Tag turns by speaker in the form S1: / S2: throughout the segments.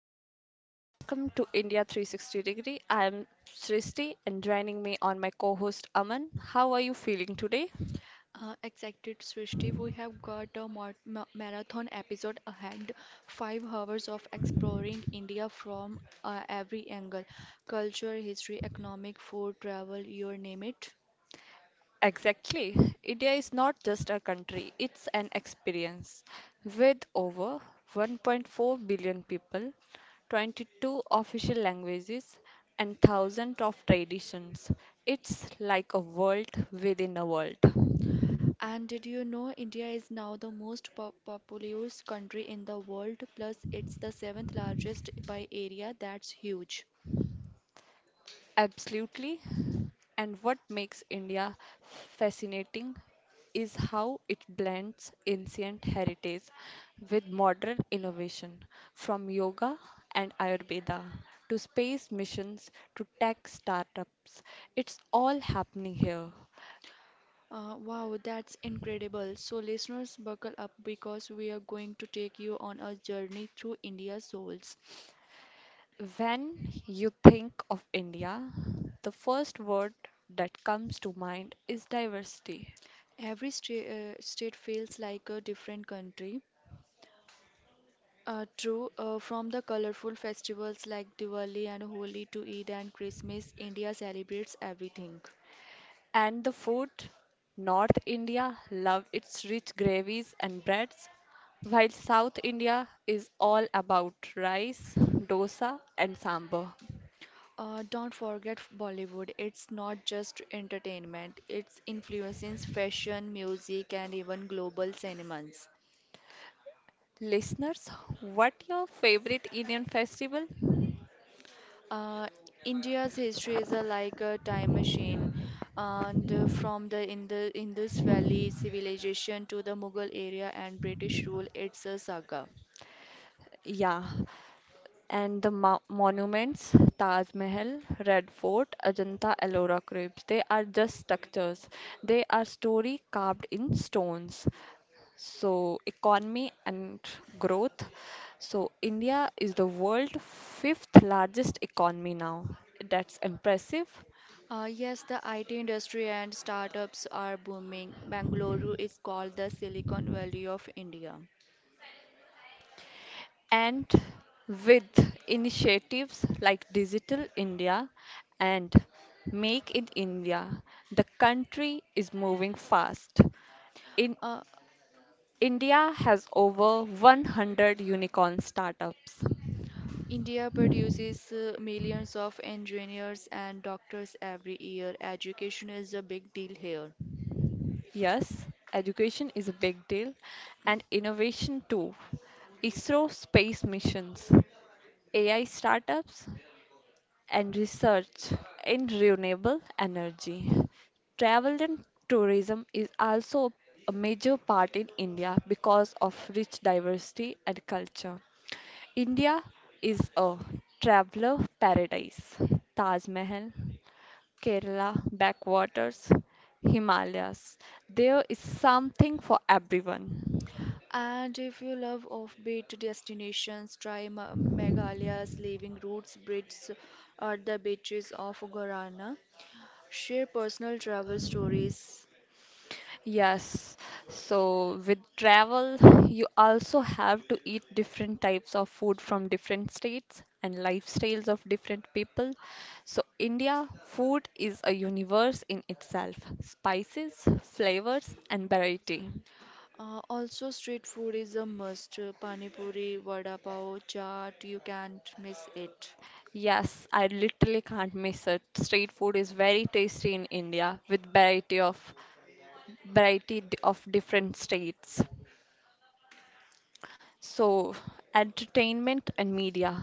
S1: everyone. Welcome to India 360 degree. I am Srishti and joining me on my co-host Aman. How are you feeling today?
S2: Exacted Srishti, we have got a marathon episode ahead. 5 hours of exploring India from every angle: culture, history, economic, food, travel, you name it.
S1: Exactly. India is not just a country, it's an experience. With over 1.4 billion people, 22 official languages, and thousands of traditions, it's like a world within a world.
S2: And did you know India is now the most populous country in the world? Plus, it's the seventh largest by area. That's huge.
S1: Absolutely. And what makes India fascinating is how it blends ancient heritage with modern innovation, from yoga and Ayurveda to space missions to tech startups. It's all happening here.
S2: Wow, that's incredible. So, listeners, buckle up because we are going to take you on a journey through India's souls.
S1: When you think of India, the first word that comes to mind is diversity.
S2: Every state feels like a different country. True, from the colorful festivals like Diwali and Holi to Eid and Christmas, India celebrates everything.
S1: And the food? North India love its rich gravies and breads, while South India is all about rice, dosa, and sambar.
S2: Don't forget Bollywood. It's not just entertainment, it's influences fashion, music, and even global cinemas.
S1: Listeners, what your favorite Indian festival?
S2: Uh, India's history is like a time machine, and from the Indus Valley civilization to the Mughal era and British rule, it's a saga.
S1: Yeah, and the mo monuments, Taj Mahal, Red Fort, Ajanta Ellora Crepes, they are just structures. They are story carved in stones. So, economy and growth. So, India is the world fifth largest economy now. That's impressive.
S2: Yes, the IT industry and startups are booming. Bangalore is called the Silicon Valley of India.
S1: And with initiatives like Digital India and Make in India, the country is moving fast. In
S2: Uh,
S1: India has over 100 unicorn startups.
S2: India produces millions of engineers and doctors every year. Education is a big deal here.
S1: Yes, education is a big deal and innovation too. ISRO space missions, AI startups, and research in renewable energy. Travel and tourism is also a major part in India because of rich diversity and culture. India is a traveler paradise. Taj Mahal, Kerala, backwaters, Himalayas. There is something for everyone.
S2: And if you love offbeat destinations, try Meghalaya's living roots, bridges, or the beaches of Guarana. Share personal travel stories.
S1: Yes. So with travel, you also have to eat different types of food from different states and lifestyles of different people. So India food is a universe in itself. Spices, flavors, and variety.
S2: Also, street food is a must. Pani puri, vada pav, chaat, you can't miss it.
S1: Yes, I literally can't miss it. Street food is very tasty in India with variety of different states. So, entertainment and media.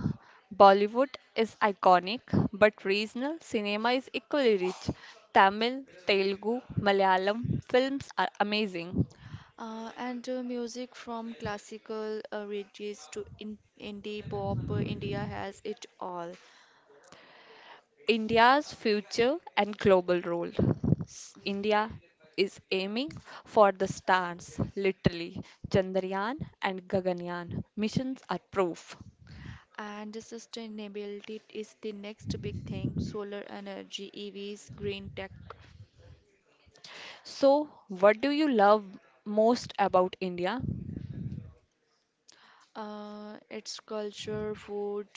S1: Bollywood is iconic, but regional cinema is equally rich. Tamil, Telugu, Malayalam films are amazing.
S2: And music from classical reaches to in indie pop, India has it all.
S1: India's future and global role. India is aiming for the stars, literally. Chandrayaan and Gaganyaan missions are proof.
S2: And sustainability is the next big thing: solar energy, EVs, green tech.
S1: So, what do you love most about India?
S2: It's culture, food,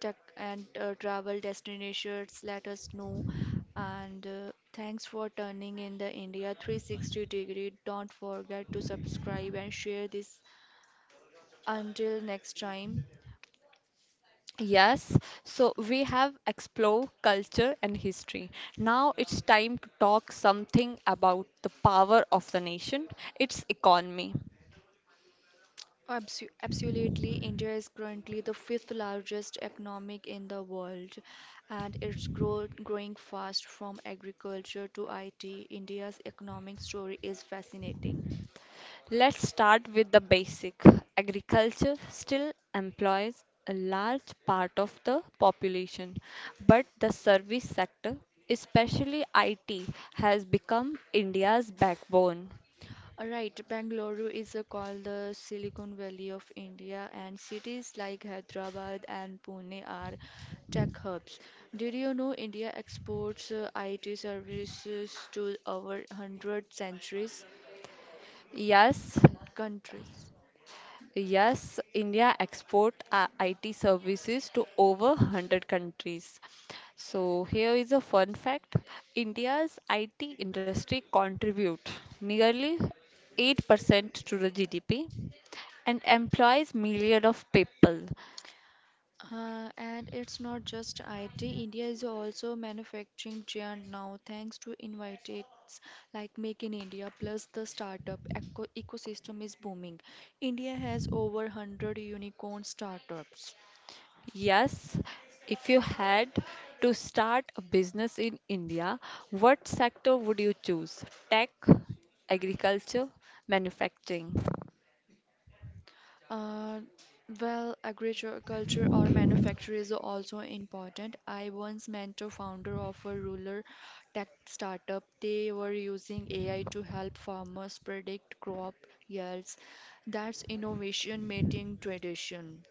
S2: tech, and travel destinations. Let us know. And thanks for turning in the India 360 degree. Don't forget to subscribe and share this. Until next time.
S1: Yes, so we have explored culture and history. Now it's time to talk something about the power of the nation, its economy.
S2: Absolutely, India is currently the fifth largest economic in the world, and it's growing fast from agriculture to IT. India's economic story is fascinating.
S1: Let's start with the basic. Agriculture still employs a large part of the population, but the service sector, especially IT, has become India's backbone.
S2: All right, Bengaluru is called the Silicon Valley of India, and cities like Hyderabad and Pune are tech hubs. Did you know India exports IT services to over 100 centuries
S1: Yes,
S2: countries?
S1: Yes, India export IT services to over 100 countries. So here is a fun fact. India's IT industry contribute nearly 8% to the GDP and employs millions of people.
S2: And it's not just IT, India is also manufacturing giant now thanks to invitates like Make in India. Plus the startup ecosystem is booming. India has over 100 unicorn startups.
S1: Yes, if you had to start a business in India, what sector would you choose? Tech, agriculture, manufacturing.
S2: Uh, well, agriculture or manufacture is also important. I once mentor founder of a rural tech startup. They were using AI to help farmers predict crop yields. That's innovation meeting tradition.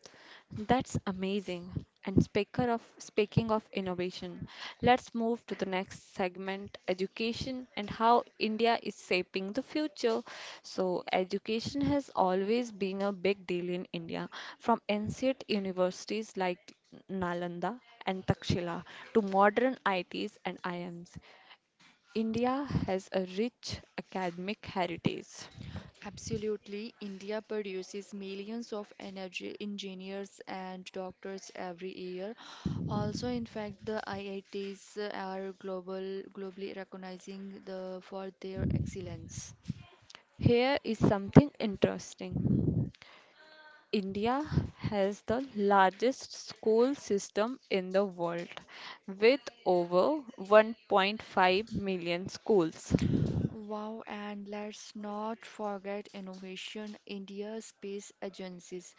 S1: That's amazing. And speaker of speaking of innovation, let's move to the next segment, education and how India is shaping the future. So, education has always been a big deal in India, from ancient universities like Nalanda and Takshila to modern ITs and IMs. India has a rich academic heritage.
S2: Absolutely, India produces millions of energy engineers and doctors every year. Also, in fact, the IITs are globally recognizing the for their excellence.
S1: Here is something interesting. India has the largest school system in the world, with over 1.5 million schools.
S2: Wow, and let's not forget innovation. India Space Agencies.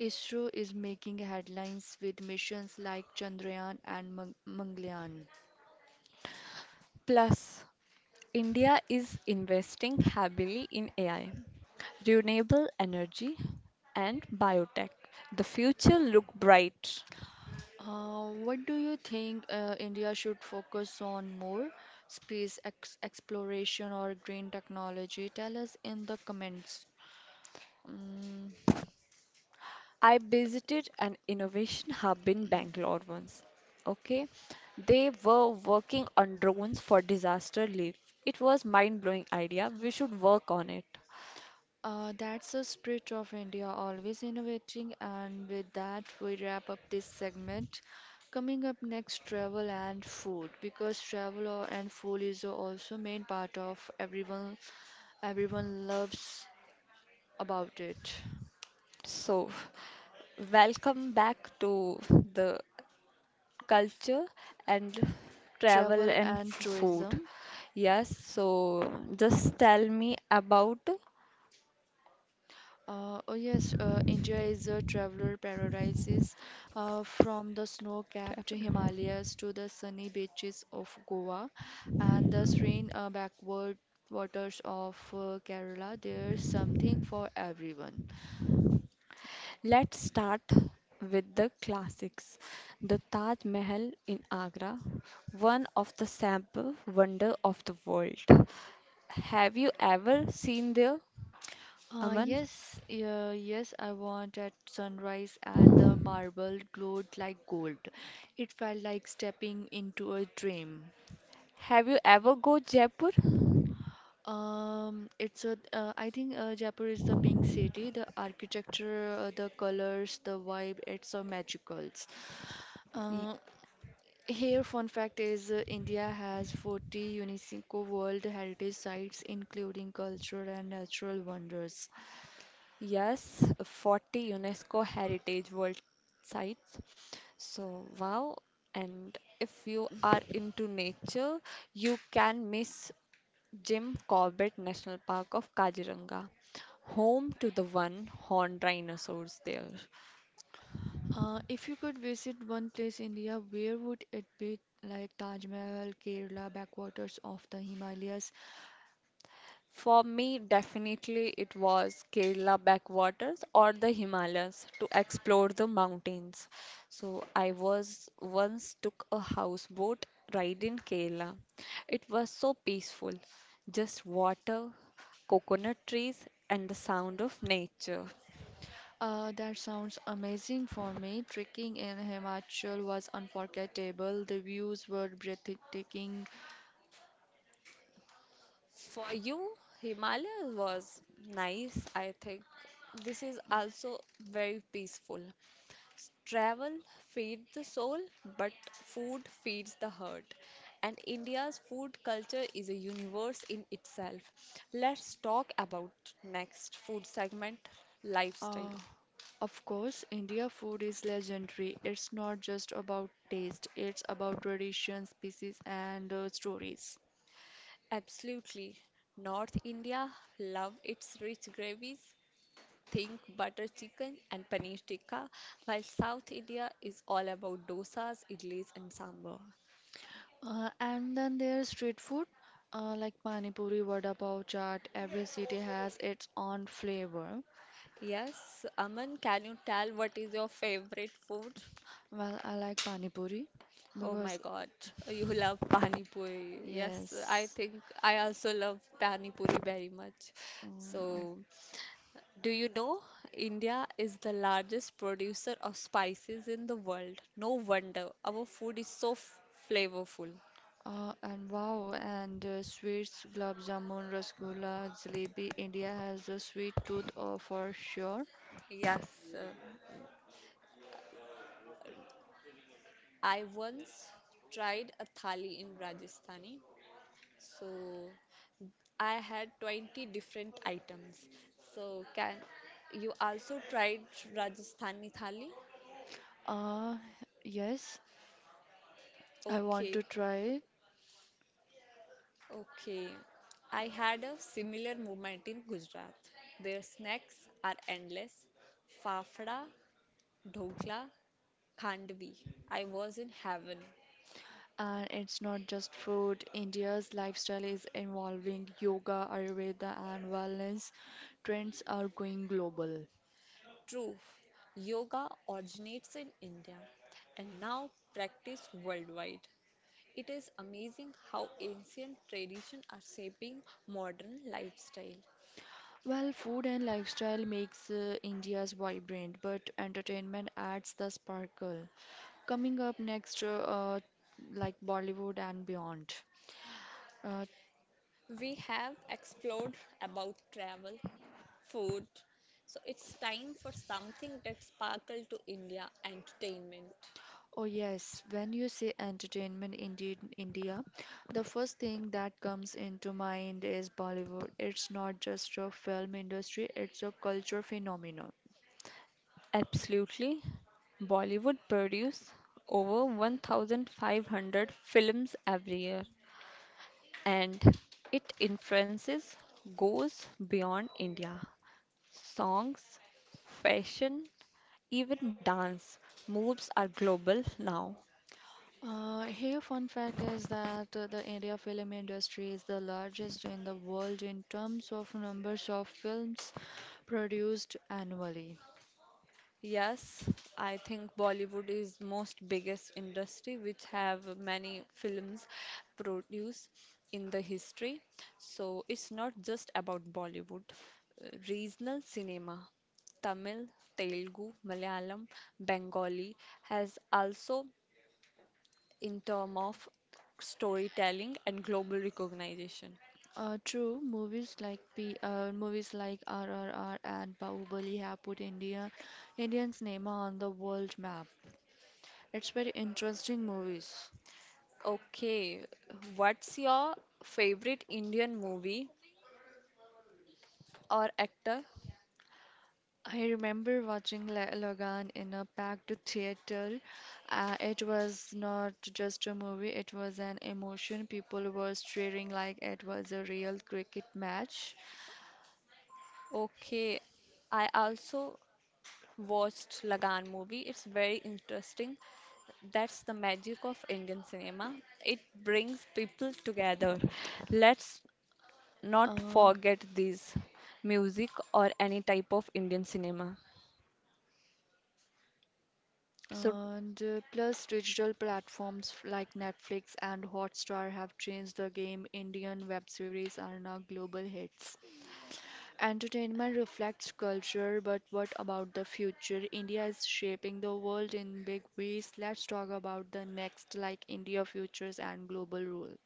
S2: ISRO is making headlines with missions like Chandrayaan and Mangalyaan.
S1: Plus, India is investing heavily in AI, renewable energy, and biotech. The future look bright.
S2: What do you think India should focus on more? Space ex exploration or green technology? Tell us in the comments. Mm,
S1: I visited an innovation hub in Bangalore once. Okay, they were working on drones for disaster relief. It was mind-blowing idea. We should work on it.
S2: that's the spirit of India, always innovating. And with that, we wrap up this segment. Coming up next, travel and food, because travel and food is also main part of everyone loves about it.
S1: So, welcome back to the culture and travel
S2: Travel
S1: and
S2: and
S1: food.
S2: tourism.
S1: Yes, so just tell me about
S2: Oh yes, India is a traveler paradise. From the snow-capped
S1: travel.
S2: Himalayas to the sunny beaches of Goa and the serene backward waters of Kerala, there's something for everyone.
S1: Let's start with the classics. The Taj Mahal in Agra, one of the sample wonder of the world. Have you ever seen there,
S2: Uh,
S1: Aman?
S2: yes, yeah, yes, I want at sunrise and the marble glowed like gold. It felt like stepping into a dream.
S1: Have you ever go Jaipur?
S2: I think Jaipur is the pink city. The architecture, the colors, the vibe, it's a magical.
S1: Y-
S2: Uh, Here, fun fact is India has 40 UNESCO World Heritage Sites, including cultural and natural wonders.
S1: yes, 40 UNESCO Heritage World Sites. So wow, and if you are into nature, you can miss Jim Corbett National Park of Kaziranga, home to the one horned rhinoceros there.
S2: If you could visit one place in India, where would it be? Like Taj Mahal, Kerala, backwaters of the Himalayas.
S1: For me, definitely it was Kerala backwaters or the Himalayas to explore the mountains. So I was once took a houseboat ride in Kerala. It was so peaceful, just water, coconut trees, and the sound of nature.
S2: That sounds amazing for me. Trekking in Himachal was unforgettable. The views were breathtaking.
S1: For you, Himalaya was nice, I think. This is also very peaceful. Travel feeds the soul, but food feeds the heart. And India's food culture is a universe in itself. Let's talk about next food segment, lifestyle.
S2: Uh, of course, India food is legendary. It's not just about taste, it's about tradition, species, and stories.
S1: Absolutely. North India love its rich gravies, think butter chicken and paneer tikka, while South India is all about dosas, idlis, and sambar.
S2: And then there's street food, like pani puri, vada pav, chaat. Every city has its own flavor.
S1: Yes, Aman, can you tell what is your favorite food?
S2: Well, I like pani puri
S1: Oh my
S2: because,
S1: God, you love pani puri. Yes, I
S2: yes.
S1: think I also love pani puri very much.
S2: Mm.
S1: So, do you know India is the largest producer of spices in the world? No wonder our food is so f flavorful.
S2: And wow, and sweets, gulab jamun, rasgulla, jalebi. India has a sweet tooth for sure.
S1: Yes. I once tried a thali in Rajasthani. So I had 20 different items. So can you also tried Rajasthani thali?
S2: Uh, yes, I want
S1: Okay,
S2: to try.
S1: okay. I had a similar moment in Gujarat. Their snacks are endless. Fafda, dhokla, khandvi. I was in heaven.
S2: And it's not just food. India's lifestyle is involving yoga, Ayurveda, and wellness. Trends are going global.
S1: True, yoga originates in India and now practiced worldwide. It is amazing how ancient traditions are shaping modern lifestyle.
S2: Well, food and lifestyle makes India's vibrant, but entertainment adds the sparkle. Coming up next, like Bollywood and beyond. Uh,
S1: We have explored about travel, food, so it's time for something that sparkle to India entertainment.
S2: oh yes, when you say entertainment in India, the first thing that comes into mind is Bollywood. It's not just a film industry, it's a culture phenomenon.
S1: Absolutely. Bollywood produces over 1,500 films every year, and its influences goes beyond India. Songs, fashion, even dance moves are global now.
S2: Here, fun fact is that the India film industry is the largest in the world in terms of numbers of films produced annually.
S1: Yes, I think Bollywood is most biggest industry which have many films produced in the history. So it's not just about Bollywood. Regional cinema, Tamil, Telugu, Malayalam, Bengali has also in term of storytelling and global recognition.
S2: True, movies like RRR and Bahubali have put Indian cinema on the world map. It's very interesting movies.
S1: Okay, what's your favorite Indian movie or actor?
S2: I remember watching Logan in a packed theater. It was not just a movie, it was an emotion. People were cheering like it was a real cricket match.
S1: Okay, I also watched Lagan movie. It's very interesting. That's the magic of Indian cinema. It brings people together. Let's not
S2: Uh,
S1: forget this music or any type of Indian cinema. So
S2: and plus, digital platforms like Netflix and Hotstar have changed the game. Indian web series are now global hits. Entertainment reflects culture, but what about the future? India is shaping the world in big ways. Let's talk about the next, like India futures and global role.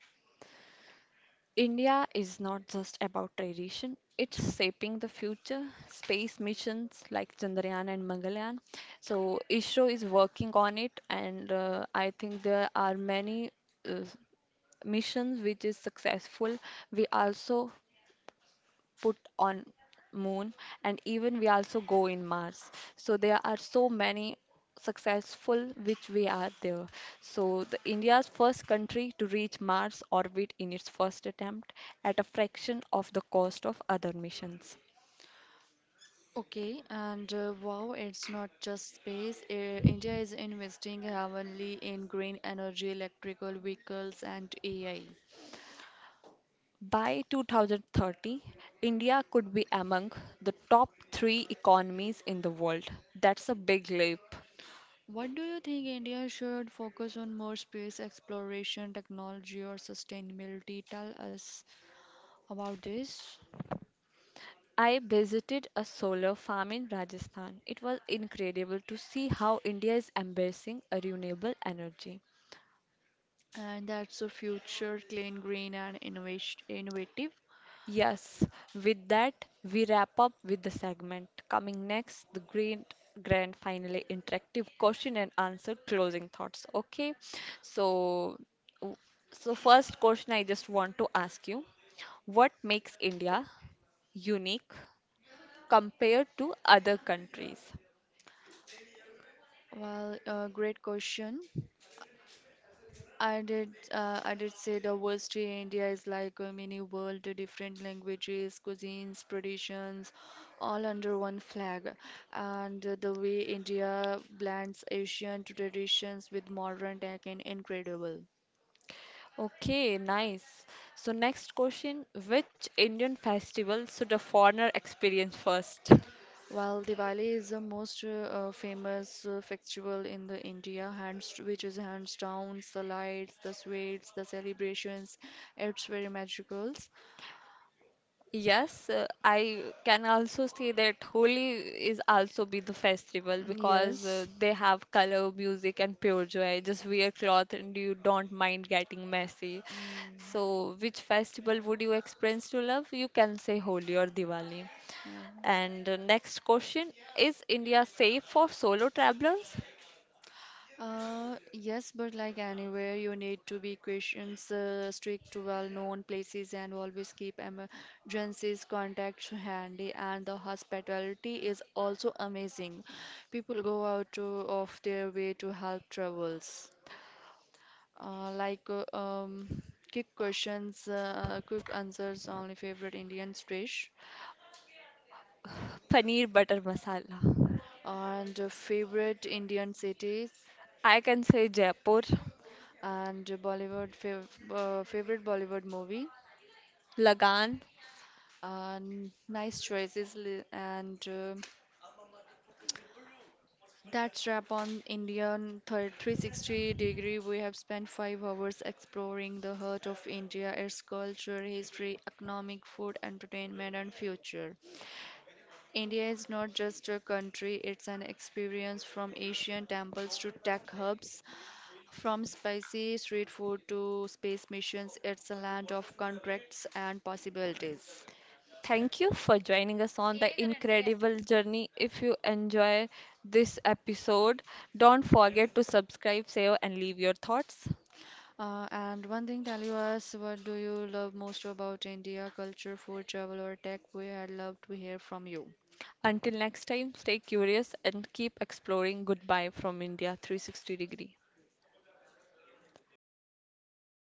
S1: India is not just about tradition, it's shaping the future. Space missions like Chandrayaan and Mangalyaan. So, ISRO is working on it, and I think there are many uh, missions which is successful. We also put on moon and even we also go in mars so there are so many successful which we are there so the india's first country to reach mars orbit in its first attempt at a fraction of the cost of other missions
S2: Okay, and wow, it's not just space. India is investing heavily in green energy, electrical vehicles, and AI.
S1: by 2030, India could be among the top 3 economies in the world. That's a big leap.
S2: What do you think India should focus on more: space exploration, technology, or sustainability? Tell us about this.
S1: I visited a solar farm in Rajasthan. It was incredible to see how India is embracing a renewable energy.
S2: And that's the future: clean, green, and innovation innovative.
S1: Yes, with that, we wrap up with the segment. Coming next, the green grand finally interactive question and answer closing thoughts. Okay, so w- so first question I just want to ask you, what makes India unique compared to other countries?
S2: Well, great question. I did say diversity in India is like a mini world: the different languages, cuisines, traditions, all under one flag. And the way India blends ancient traditions with modern tech is incredible.
S1: Okay, nice. So next question, which Indian festival should a foreigner experience first?
S2: While Diwali is the most famous festival in the India, hands which is hands down, the lights, the sweets, the celebrations, it's very magical.
S1: Yes, I can also say that Holi is also be the festival
S2: Mm.
S1: because
S2: Yes.
S1: they have color, music, and pure joy. Just wear cloth and you don't mind getting messy.
S2: Mm,
S1: So, which festival would you experience to love? You can say Holi or Diwali.
S2: yeah.
S1: And next question, is India safe for solo travelers?
S2: Yes, but like anywhere, you need to be cautious, stick to well-known places, and always keep emergencies contacts handy. And the hospitality is also amazing. People go out to, of their way to help travels. Uh, like uh, um, quick questions, quick answers only: favorite Indian dish,
S1: Paneer butter masala.
S2: and favorite Indian cities,
S1: I can say Jaipur,
S2: and Bollywood fav favorite Bollywood movie.
S1: Lagan.
S2: And nice choices and that's wrap on Indian thir 360 degree. We have spent 5 hours exploring the heart of India, its culture, history, economic, food, entertainment, and future. India is not just a country, it's an experience from Asian temples to tech hubs, from spicy street food to space missions. It's a land of contracts and possibilities.
S1: Thank you for joining us on the incredible journey. If you enjoy this episode, don't forget to subscribe, save, and leave your thoughts.
S2: And one thing, tell you us what do you love most about India, culture, food, travel, or tech? We had loved to hear from you.
S1: Until next time, stay curious and keep exploring. Goodbye from India 360 degree.